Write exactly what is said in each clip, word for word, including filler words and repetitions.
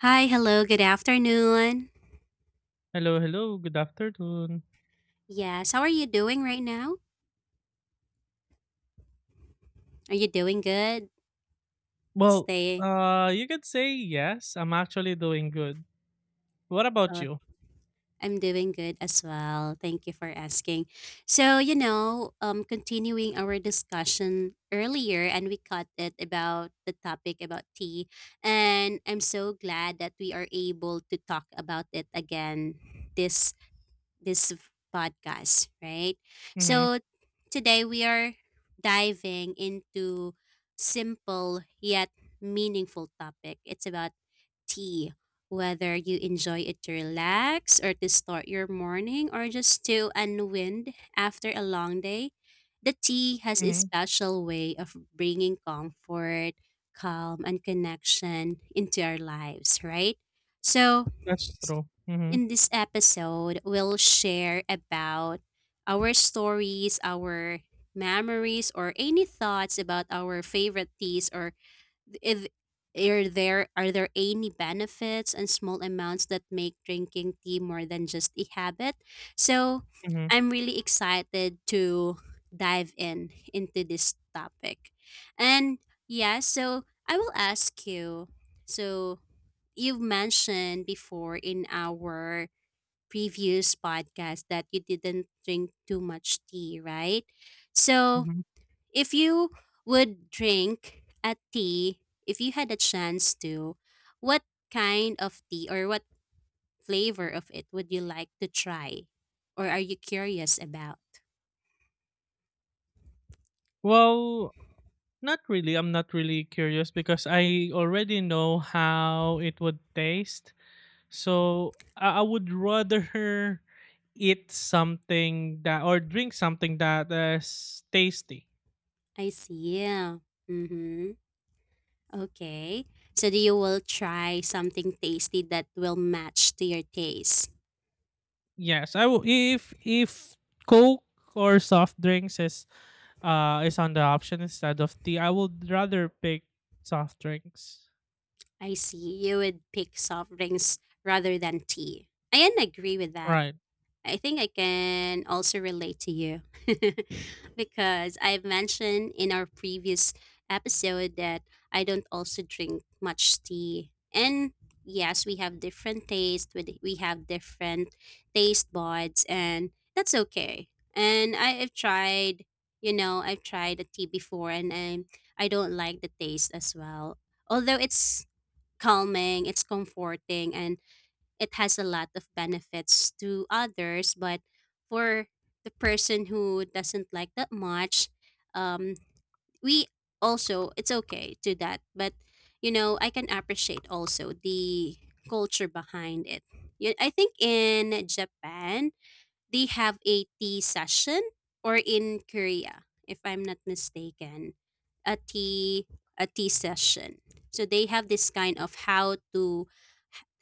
Hi, hello, good afternoon. Hello, hello. Good afternoon. Yes, how are you doing right now? Are you doing good? Well, Stay. uh, you could say yes. I'm actually doing good. What about Oh, you? I'm doing good as well. Thank you for asking. So, you know, um, continuing our discussion earlier, and we cut it about the topic about tea. And I'm so glad that we are able to talk about it again this this podcast, right? Mm-hmm. So today we are diving into simple yet meaningful topic. It's about tea, whether you enjoy it to relax or to start your morning or just to unwind after a long day. The tea has a Mm-hmm. special way of bringing comfort, calm, and connection into our lives, right? So, That's true. Mm-hmm. in this episode, we'll share about our stories, our memories, or any thoughts about our favorite teas, or if are there are there any benefits and small amounts that make drinking tea more than just a habit. So Mm-hmm. I'm really excited to dive in into this topic. And yeah, so I will ask you. So you've mentioned before in our previous podcast that you didn't drink too much tea, right? So, Mm-hmm. if you would drink a tea, if you had a chance to, what kind of tea or what flavor of it would you like to try? Or are you curious about? Well, not really. I'm not really curious because I already know how it would taste. So I, I would rather eat something that or drink something that is tasty. I see. Yeah. Mm-hmm. Okay. So do you will try something tasty that will match to your taste? Yes, I will. If if Coke or soft drinks is uh is on the option instead of tea, I would rather pick soft drinks. I see. You would pick soft drinks rather than tea. I can agree with that. Right. I think I can also relate to you because I've mentioned in our previous episode that I don't also drink much tea. And yes, we have different tastes, with- we have different taste buds, and that's okay. And I, I've tried, you know, I've tried a tea before and I, I don't like the taste as well although it's calming, it's comforting, and it has a lot of benefits to others. But for the person who doesn't like that much, um, we also, it's okay to that. But, you know, I can appreciate also the culture behind it. Yeah, I think in Japan, they have a tea session or in Korea, if I'm not mistaken, a tea a tea session. So they have this kind of how to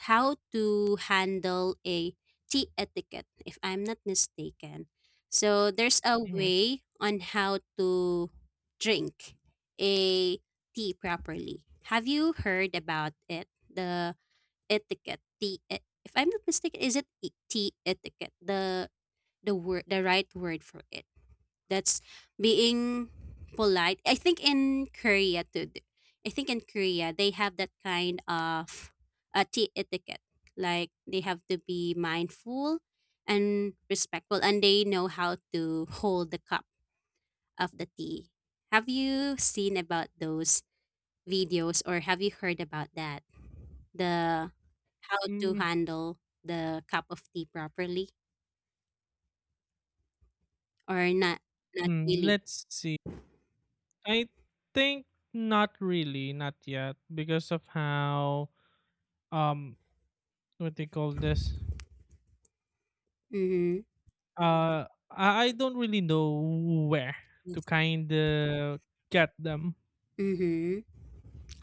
how to handle a tea etiquette, if I'm not mistaken. So there's a Mm-hmm. way on how to drink a tea properly. Have you heard about it? The etiquette, tea, e- if I'm not mistaken, is it e- tea etiquette? The the word the right word for it that's being polite. I think in Korea too, th- I think in Korea they have that kind of uh, tea etiquette, like they have to be mindful and respectful and they know how to hold the cup of the tea. Have you seen about those videos or have you heard about that, the how to handle the cup of tea properly or not, not mm really? Let's see. I think not really, not yet, because of how um what they call this. Mhm. Uh, I, I don't really know where to kind of get them. Mm-hmm.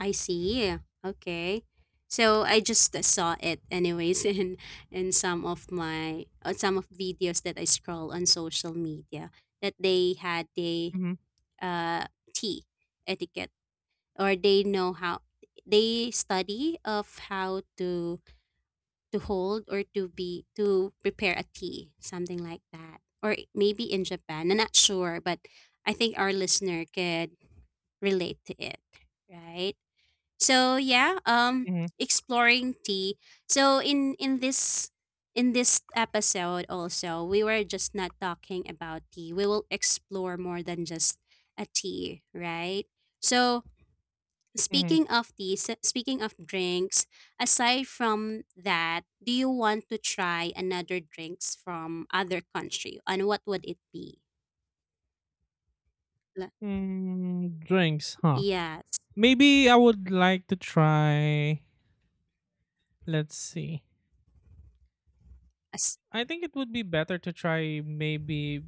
I see. Okay. So I just uh, saw it anyways in in some of my uh, some of videos that I scroll on social media that they had the Mm-hmm. uh tea etiquette, or they know how they study of how to to hold or to be to prepare a tea something like that, or maybe in Japan I'm not sure, but I think our listener could relate to it, right? So yeah, um Mm-hmm. exploring tea. So in in this in this episode also, we were just not talking about tea. We will explore more than just a tea, right? So Mm-hmm. speaking of tea, s- speaking of drinks, aside from that, do you want to try another drinks from other country? And what would it be? Like, Mm, drinks, huh? yes, Maybe I would like to try. Let's see. as- I think it would be better to try maybe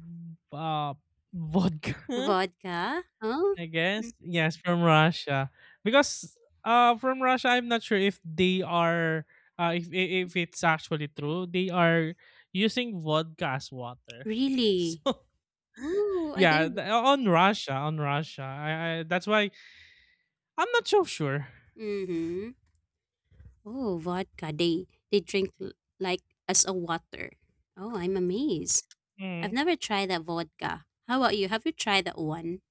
uh vodka. vodka. Oh, I mm, guess yes, from Russia because uh from Russia I'm not sure if they are uh if i- if it's actually true they are using vodka as water. really? So Oh, I yeah, didn't. th- on Russia, on Russia, I, I that's why I'm not so sure. Mm-hmm. Oh, vodka. They they drink l- like as a water. Oh, I'm amazed. I've Hmm. never tried that vodka. How about you? Have you tried that one?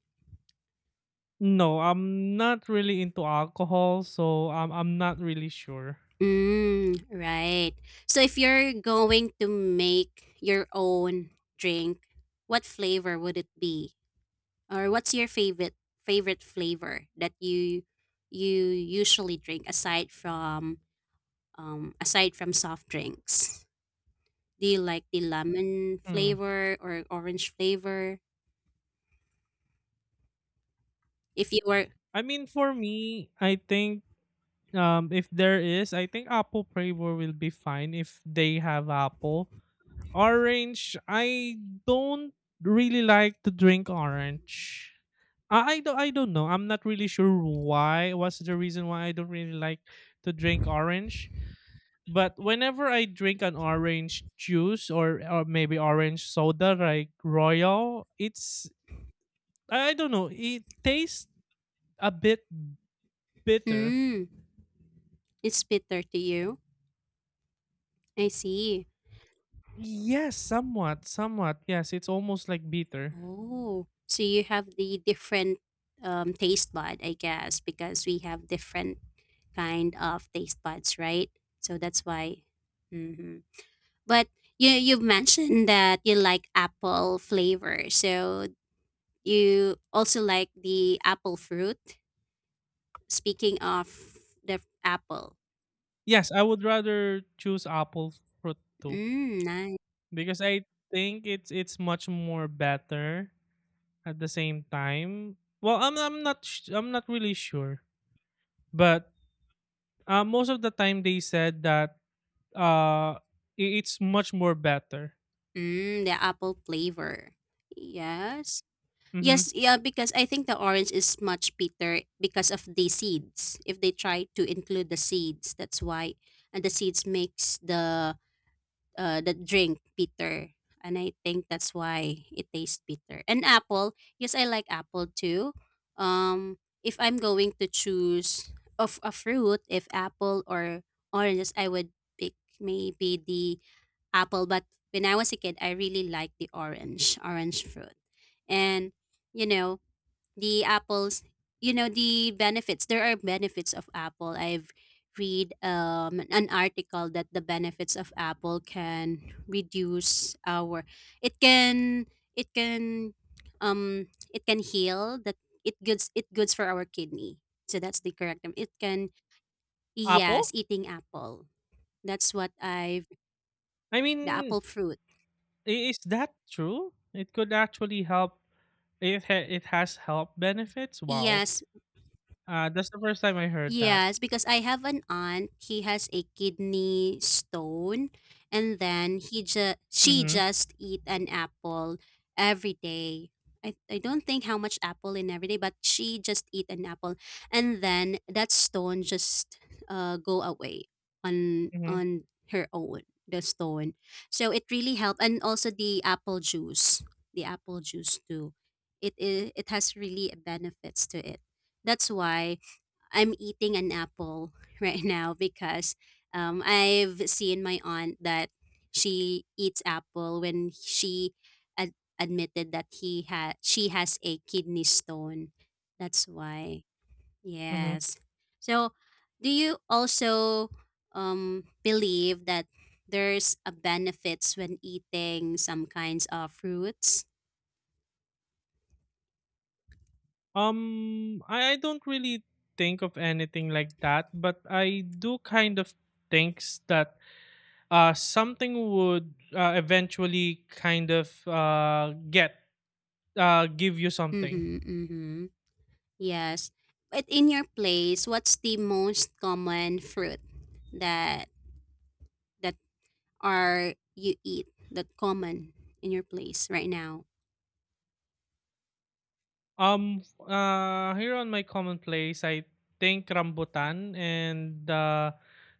No, I'm not really into alcohol, so um, I'm not really sure. Mm, right. So if you're going to make your own drink, what flavor would it be? Or what's your favorite favorite flavor that you you usually drink aside from um aside from soft drinks? Do you like the lemon Hmm. flavor or orange flavor? If you were, I mean, for me, I think um, if there is, I think apple flavor will be fine if they have apple. Orange, I don't really like to drink orange. I, I don't I don't know. I'm not really sure why. What's the reason why I don't really like to drink orange? But whenever I drink an orange juice or or maybe orange soda like Royal, it's I don't know, it tastes a bit bitter. mm, it's bitter to you. I see. Yes, somewhat, somewhat. Yes, it's almost like bitter. Oh, so you have the different um, taste bud, I guess, because we have different kind of taste buds, right? So that's why. Hmm. But you you mentioned that you like apple flavor, so you also like the apple fruit. Speaking of the apple, Yes, I would rather choose apple fruit too mm, nice. because I think it's it's much more better at the same time. Well, I'm I'm not sh- I'm not really sure, but uh, most of the time they said that Uh, I it's much more better. Mm, the apple flavor. Yes. Yes, Mhm. yeah, because I think the orange is much bitter because of the seeds. If they try to include the seeds, that's why. And the seeds makes the uh the drink bitter. And I think that's why it tastes bitter. And apple, yes, I like apple too. Um, if I'm going to choose of a fruit, if apple or oranges, I would pick maybe the apple, but when I was a kid, I really liked the orange, orange fruit. And, you know, the apples, you know, the benefits, there are benefits of apple. I've read um, an article that the benefits of apple can reduce our, it can, it can, um, it can heal that it goods, it goods for our kidney. So that's the correct term. It can, yes, Apple? eating apple. That's what I've, I the mean, apple fruit. i- is that true? It could actually help. It ha- it has health benefits. Wow. Yes. Uh, that's the first time I heard that. Yes, because I have an aunt. He has a kidney stone, and then he just she Mhm. just eat an apple every day. I, I don't think how much apple in every day, but she just eat an apple, and then that stone just uh go away on Mhm. on her own the stone. So it really helped, and also the apple juice, the apple juice too. It is it has really benefits to it. That's why I'm eating an apple right now because um, I've seen my aunt that she eats apple when she ad- admitted that he had she has a kidney stone. That's why. Mhm. Yes. So, do you also um, believe that there's a benefits when eating some kinds of fruits? Um, I, I don't really think of anything like that, but I do kind of thinks that uh something would uh, eventually kind of uh get uh, give you something. Mm-hmm, mm-hmm. Yes. But in your place, what's the most common fruit that that are you eat that common in your place right now? Um, uh, here on my commonplace, I think rambutan and uh,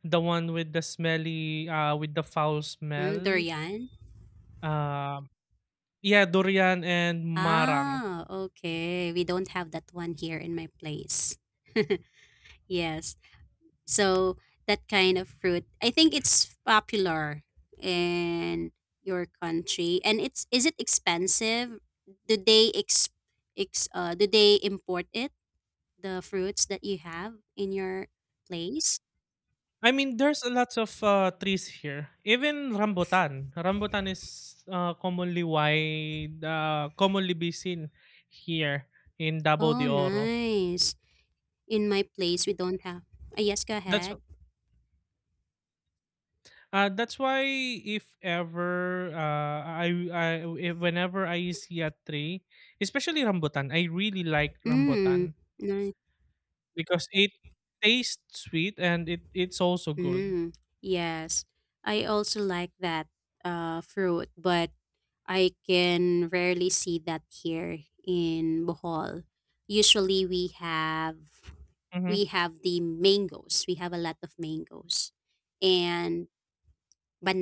the one with the smelly, uh, with the foul Hmm, smell. durian? Uh, yeah, durian and marang. Ah, okay. We don't have that one here in my place. Yes. So that kind of fruit, I think it's popular in your country, and it's is it expensive? Do they ex, ex uh, do they import it, the fruits that you have in your place? I mean, there's a lots of, uh, trees here. Even rambutan. Rambutan is, uh, commonly wide, uh, commonly be seen here in Davao Oh, de Oro. nice. In my place, we don't have. Ah, yes, go That's ahead. uh, that's why if ever, uh, I I if whenever I see a tree, especially rambutan, I really like Mm, rambutan nice. because it tastes sweet and it it's also good. Mm, yes. I also like that uh, fruit, but I can rarely see that here in Bohol. Usually, we have Mhm, we have the mangoes. We have a lot of mangoes, and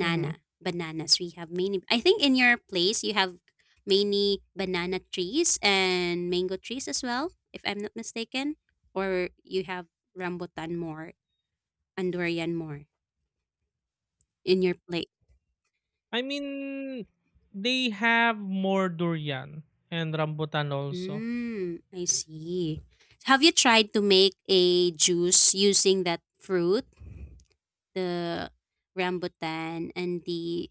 mhm. Bananas. We have many. I think in your place you have many banana trees and mango trees as well, if I'm not mistaken. Or you have rambutan more and durian more in your place. I mean, they have more durian and rambutan also. Mm, I see. Have you tried to make a juice using that fruit, the rambutan and the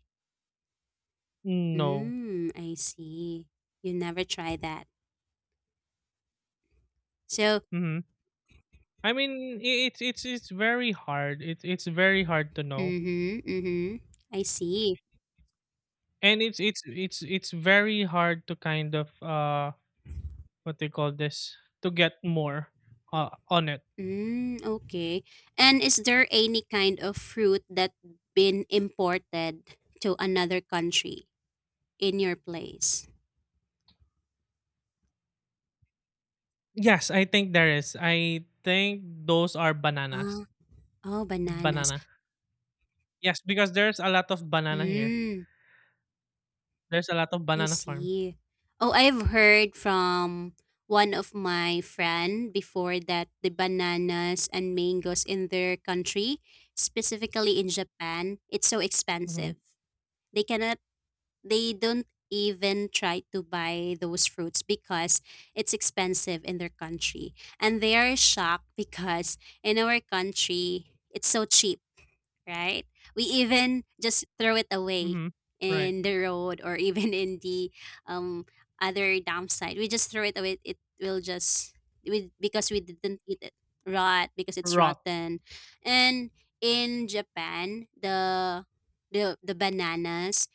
No. mm, I see. You never try that. So, hmm I mean, i- it's it's it's very hard. It's it's very hard to know, mm-hmm, mm-hmm. I see. and it's it's it's it's very hard to kind of uh what they call this to get more uh, on it. Mm, okay. And is there any kind of fruit that been imported to another country in your place? Yes, I think there is. I think those are Ah, bananas. oh, bananas. Banana. Yes, because there's a lot of banana here. Mm, There's a lot of I banana farm. see. Oh, I've heard from one of my friend before that the bananas and mangoes in their country, specifically in Japan, it's so Mm-hmm. expensive. They cannot They don't even try to buy those fruits because it's expensive in their country. And they are shocked because in our country, it's so cheap, right? We even just throw it away Mm-hmm. Right. in the road or even in the um, other dump site. We just throw it away. It will just, we, because we didn't eat it rot because it's Rot. rotten. And in Japan, the the the bananas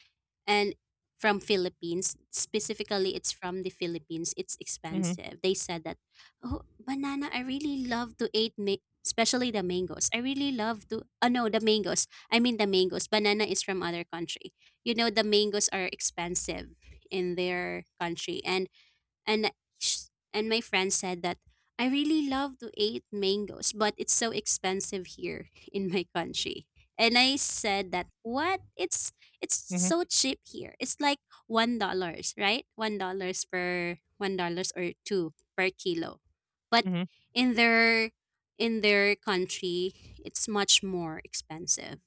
and from Philippines, specifically it's from the Philippines. It's Mm-hmm. expensive. They said that, "Oh, banana, I really love to eat ma- especially the mangoes. I really love to Oh no, the mangoes. I mean the mangoes. Banana is from other country. You know the mangoes are expensive in their country and and sh- and my friend said that I really love to eat mangoes, but it's so expensive here in my country. And I said that what? It's it's Mhm, so cheap here. It's like one dollars, right? One dollars per one dollars or two per kilo. But mhm, in their in their country, it's much more expensive.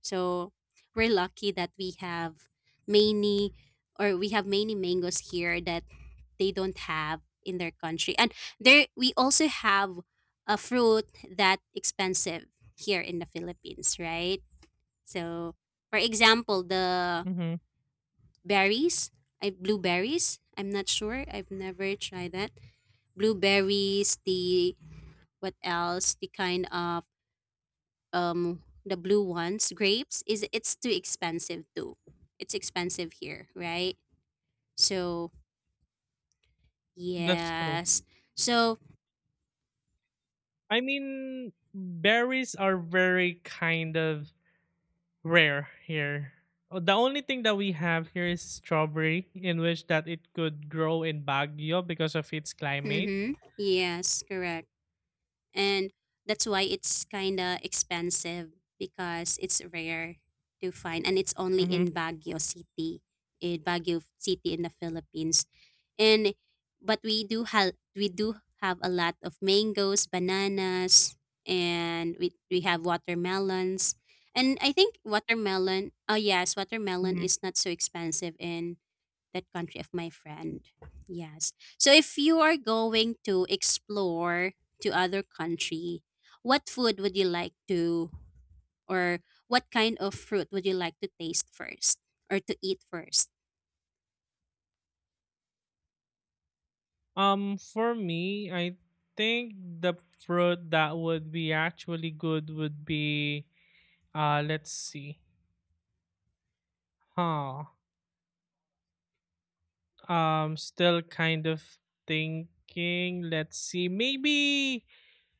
So we're lucky that we have many or we have many mangoes here that they don't have in their country. And there we also have a fruit that expensive here in the Philippines, right? So for example, the mhm. berries, I blueberries. I'm not sure. I've never tried that. Blueberries, the what else? The kind of um the blue ones, grapes is it's too expensive too. It's expensive here, right? So That's true. yes. So I mean, berries are very kind of rare here. Uh, The only thing that we have here is strawberry, in which that it could grow in Baguio because of its climate. mm-hmm. Yes, correct. And that's why it's kind of expensive because it's rare to find, and it's only in Hmm. Baguio City, in Baguio City in the Philippines. And but we do have, we do have a lot of mangoes, bananas, and we we have watermelons. And I think watermelon, oh yes, watermelon Hmm. is not so expensive in that country of my friend. Yes. So if you are going to explore to other country, what food would you like to, or what kind of fruit would you like to taste first, or to eat first? Um, for me, I think the fruit that would be actually good would be, uh, let's see, huh? Um, still kind of thinking. Let's see, maybe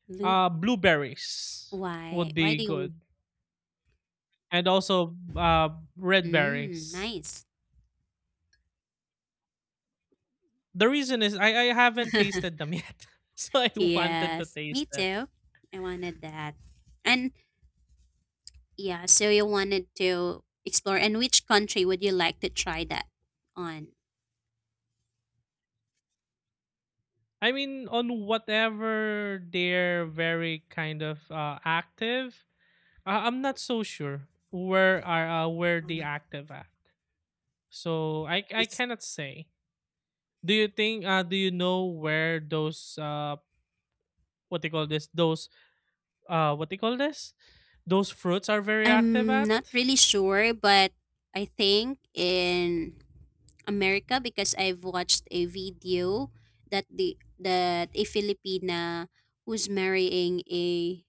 Lube. Uh, blueberries Why? would Why be do you? good, and also uh, red Mm, berries. nice. The reason is I, I haven't tasted them yet, so I wanted to Yes, me taste it. too. I wanted that. And yeah, so you wanted to explore. And which country would you like to try that on? I mean, on whatever they're very kind of uh, active, uh, I'm not so sure where are uh, where Oh, they active at. So I I cannot say. Do you think uh do you know where those uh what they call this those uh what they call this those fruits are very active I'm at? not really sure, but I think in America, because I've watched a video that the that a Filipina who's marrying a,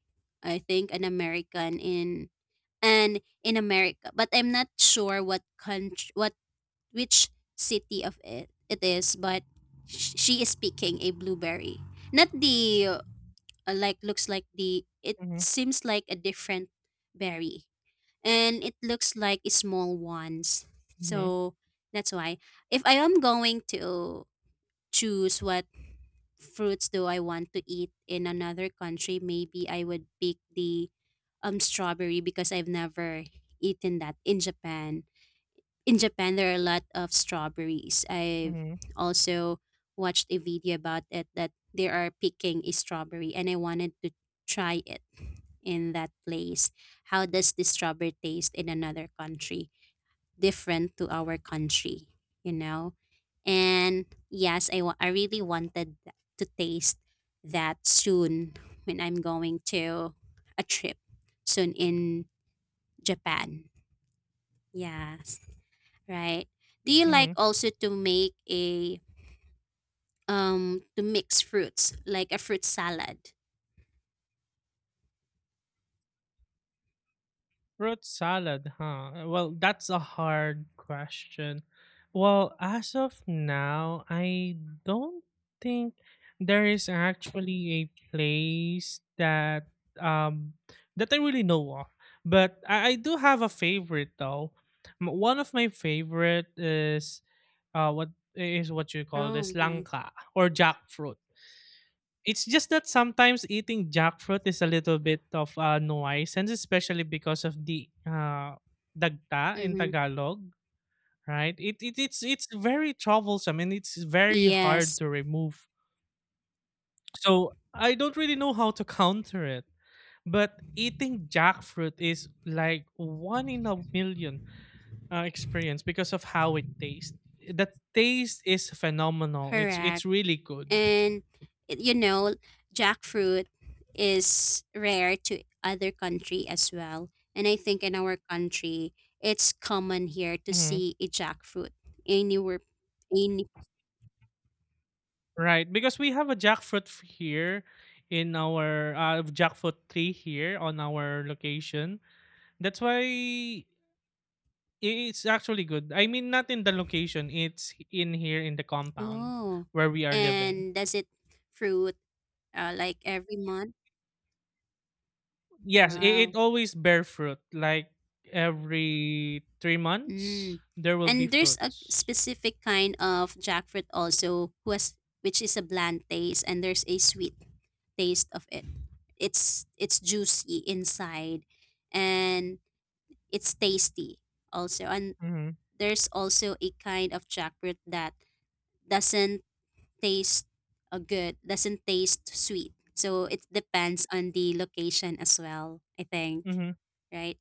I think an American, in and in America, but I'm not sure what country, what, which city of it it is, but sh- she is picking a blueberry. Not the, uh, like, looks like the, it Mhm, seems like a different berry, and it looks like small ones. mhm, So that's why, if I am going to choose what fruits do I want to eat in another country, maybe I would pick the um strawberry, because I've never eaten that in Japan. In Japan, there are a lot of strawberries. I've mhm, also watched a video about it that they are picking a strawberry, and I wanted to try it in that place. How does the strawberry taste in another country? Different to our country, you know? And yes, I, wa- I really wanted th- to taste that soon when I'm going to a trip soon in Japan. Yes. Right. Do you like mhm. also to make a, um to mix fruits like a fruit salad? Root salad, huh? Well, that's a hard question. Well, as of now, I don't think there is actually a place that um that I really know of. But I, I do have a favorite though. M- One of my favorite is uh what is what you call this Oh, nice. langka or jackfruit. It's just that sometimes eating jackfruit is a little bit of a nuisance, especially because of the uh, dagta in Mm-hmm. Tagalog, right? It, it it's it's very troublesome and it's very hard Yes, to remove. So I don't really know how to counter it. But eating jackfruit is like one in a million uh, experience because of how it tastes. The taste is phenomenal. It's it's correct. really good. And it- you know, jackfruit is rare to other country as well. And I think in our country, it's common here to Mm-hmm. see a jackfruit anywhere. Any Right, because we have a jackfruit f- here in our uh, jackfruit tree here on our location. That's why i- it's actually good. I mean, not in the location; it's in here in the compound oh, where we are living. and does it fruit, uh, like, every month? Yes, it, Wow. it always bear fruit. Like every three months, Mm. there will be And there's a fruits. specific kind of jackfruit also who has, which is a bland taste, and there's a sweet taste of it. It's it's juicy inside, and it's tasty also. And Mm-hmm. there's also a kind of jackfruit that doesn't taste uh, good, doesn't taste sweet. So it depends on the location as well, I think. Right?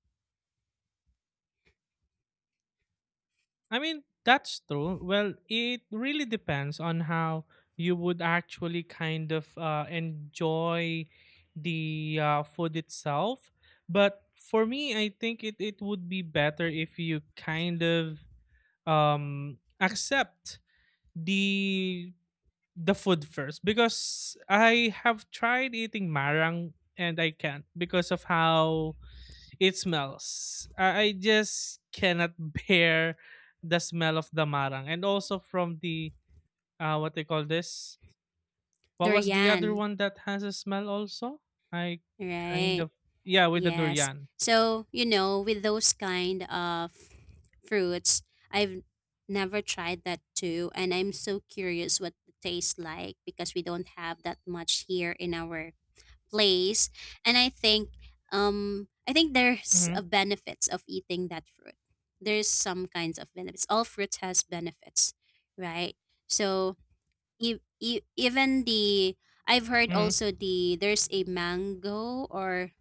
I mean, that's true. Well, it really depends on how you would actually kind of uh, enjoy the uh, food itself. But for me, I think it, it would be better if you kind of um, accept the the food first because I have tried eating marang and I can't because of how it smells. I, I just cannot bear the smell of the marang. And also from the, uh, what they call this? What was the other Durian, one that has a smell also? I kind right? of, yeah, with the Yes. durian. So, you know, with those kind of fruits, I've never tried that too. And I'm so curious what it tastes like because we don't have that much here in our place. And I think, um I think there's Mm-hmm, a benefits of eating that fruit. There's some kinds of benefits. All fruit has benefits, right? So e- e- even the, I've heard mm-hmm, also, the there's a mango or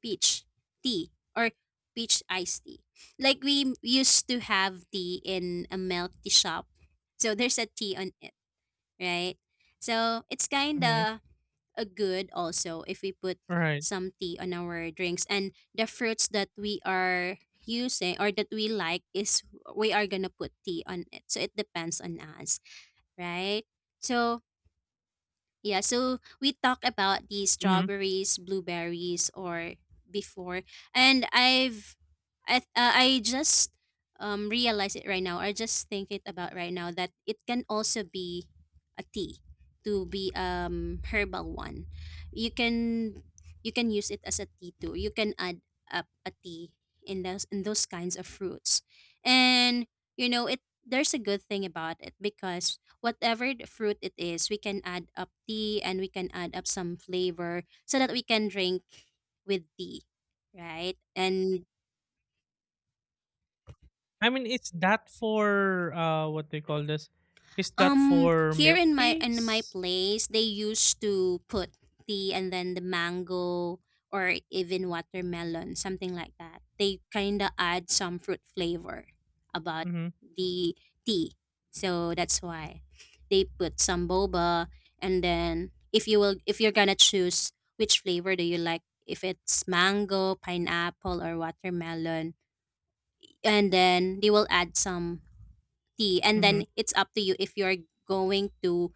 peach tea or peach iced tea. Like we used to have tea in a milk tea shop. So there's a tea on it, right? So it's kind mm-hmm. of a good also if we put Right. some tea on our drinks, and the fruits that we are using or that we like is we are going to put tea on it. So it depends on us, right? So yeah, so we talk about the Mhm. strawberries, blueberries, or before, and I've, I th- uh, I just um realize it right now. I just think it about right now that it can also be a tea, to be um herbal one. You can, you can use it as a tea too. You can add up a tea in those, in those kinds of fruits, and you know it. There's a good thing about it because whatever the fruit it is, we can add up tea and we can add up some flavor so that we can drink with tea, right? And I mean, is that for uh what they call this? Is that Um, for here milk in my, in my teas? place, they used to put tea and then the mango or even watermelon, something like that. They kind of add some fruit flavor about Mhm. the tea, so that's why they put some boba. And then if you will, if you're gonna choose which flavor do you like, if it's mango, pineapple, or watermelon, and then they will add some tea, and Mhm. then it's up to you if you're going to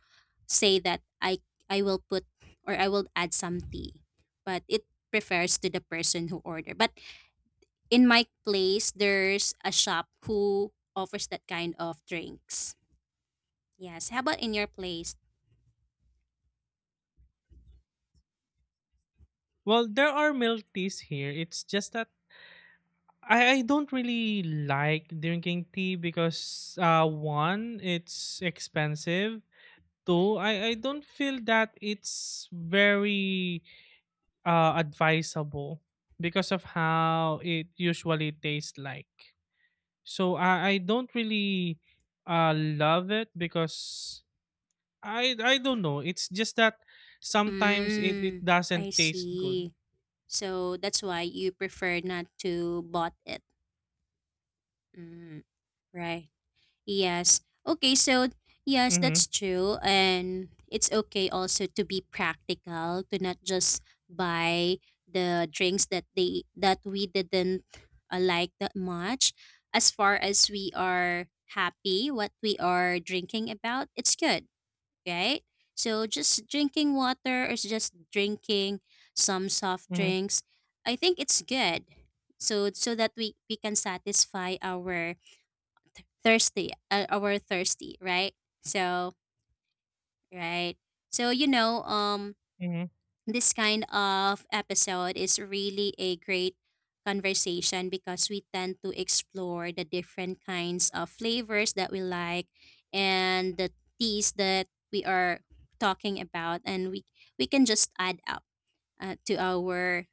say that I I will put or I will add some tea, but it prefers to the person who order. But in my place, there's a shop who offers that kind of drinks. Yes. How about in your place? Well, there are milk teas here. It's just that I, I don't really like drinking tea because uh one, it's expensive. Two, I, I don't feel that it's very uh advisable because of how it usually tastes like. So I I don't really uh love it because I I don't know. It's just that sometimes it, it Mm, doesn't I taste good. see. So that's why you prefer not to bought it. Mm, right. Yes. Okay, so yes, Mhm. that's true. And it's okay also to be practical, to not just buy the drinks that they, that we didn't uh, like that much. As far as we are happy what we are drinking about, it's good, right? So just drinking water or just drinking some soft Mhm. drinks, I think it's good. So so that we we can satisfy our thirsty, uh, our thirsty, right? So, right. So, you know, um Mhm. this kind of episode is really a great conversation because we tend to explore the different kinds of flavors that we like and the teas that we are talking about, and we we can just add up uh, to our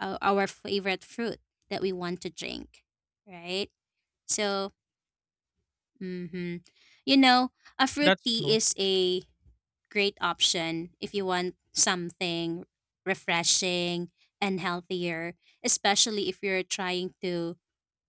uh, our favorite fruit that we want to drink, right? So, mm-hmm. You know, a fruit That's tea true. is a great option if you want something refreshing and healthier, especially if you're trying to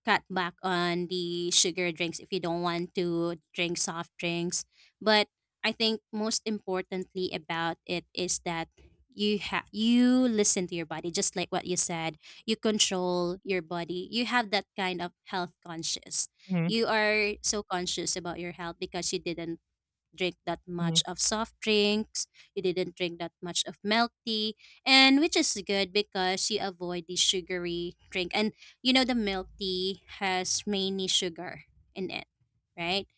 cut back on the sugar drinks, if you don't want to drink soft drinks. But I think most importantly about it is that you ha- you listen to your body, just like what you said. You control your body, you have that kind of health conscious. Mhm. You are so conscious about your health because you didn't drink that much Mhm. of soft drinks. You didn't drink that much of milk tea, and which is good because you avoid the sugary drink. And you know the milk tea has mainly sugar in it, right?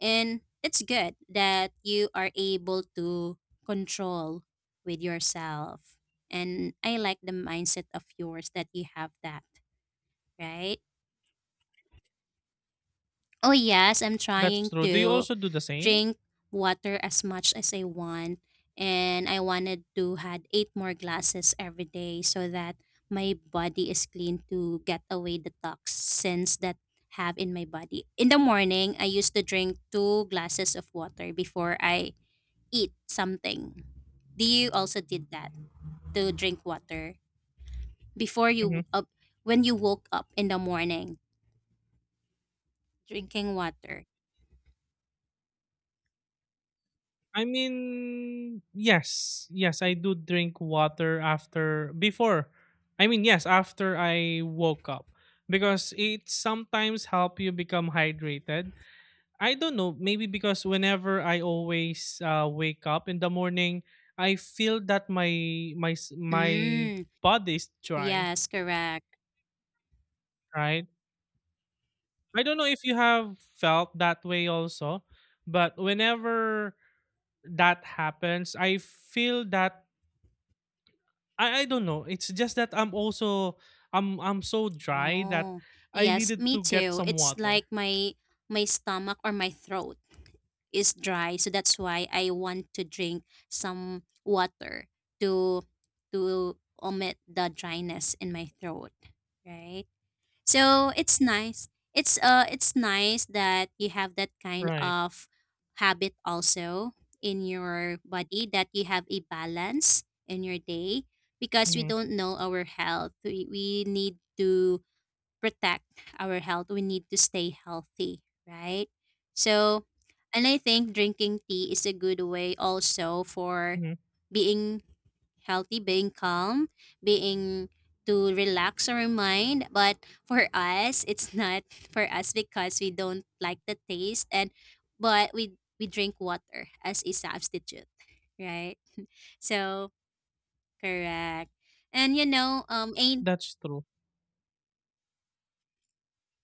And it's good that you are able to control with yourself. And I like the mindset of yours that you have that, right? Oh yes, I'm That's trying true. Do you to also do the same? drink water as much as I want, and I wanted to had eight more glasses every day so that my body is clean to get away the toxins that have in my body. In the morning, I used to drink two glasses of water before I eat something. Do you also did that, to drink water before you Mhm. up, when you woke up in the morning, drinking water? I mean, yes. Yes, I do drink water after before. I mean, yes, after I woke up because it sometimes help you become hydrated. I don't know, maybe because whenever I always uh, wake up in the morning, I feel that my my s- my Mm, body is dry, yes, correct. right? I don't know if you have felt that way also, but whenever that happens, I feel that I I don't know. It's just that I'm also I'm I'm so dry that Oh, I yes, needed me to get too. some It's like water. my my stomach or my throat is dry, so that's why I want to drink some water to to omit the dryness in my throat, right? So it's nice. It's uh it's nice that you have that kind Right. of habit also in your body, that you have a balance in your day, because we Hmm. don't know our health. We, we need to protect our health, we need to stay healthy, right? So, and I think drinking tea is a good way also for Hmm. being healthy, being calm, being to relax our mind. But for us, it's not for us because we don't like the taste, and but we we drink water as a substitute, right? So correct. And you know, um, ain't, That's true.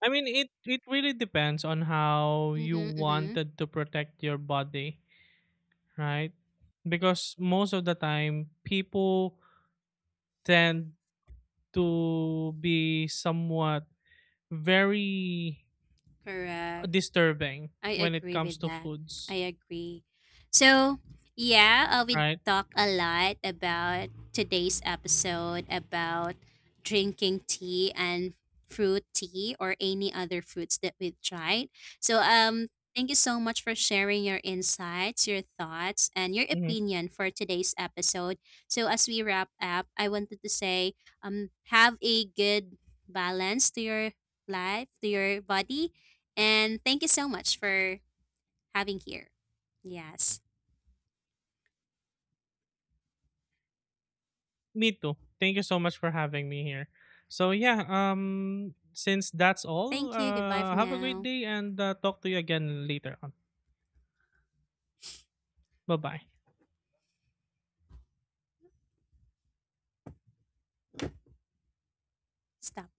I mean, it it really depends on how you mm-hmm, mm-hmm, wanted to protect your body, right? Because most of the time, people tend to be somewhat very correct. disturbing I when it agree comes with to that. foods, I agree. So, yeah, uh, we right? talked a lot about today's episode about drinking tea and fruit tea or any other fruits that we've tried. So, um, thank you so much for sharing your insights, your thoughts, and your Mhm. opinion for today's episode. So, as we wrap up, I wanted to say, um, have a good balance to your life, to your body, and thank you so much for having here. Yes. Me too. Thank you so much for having me here. So yeah, um, since that's all, Thank you. Goodbye for uh, have a great now. day and uh, talk to you again later on. Bye bye. Stop.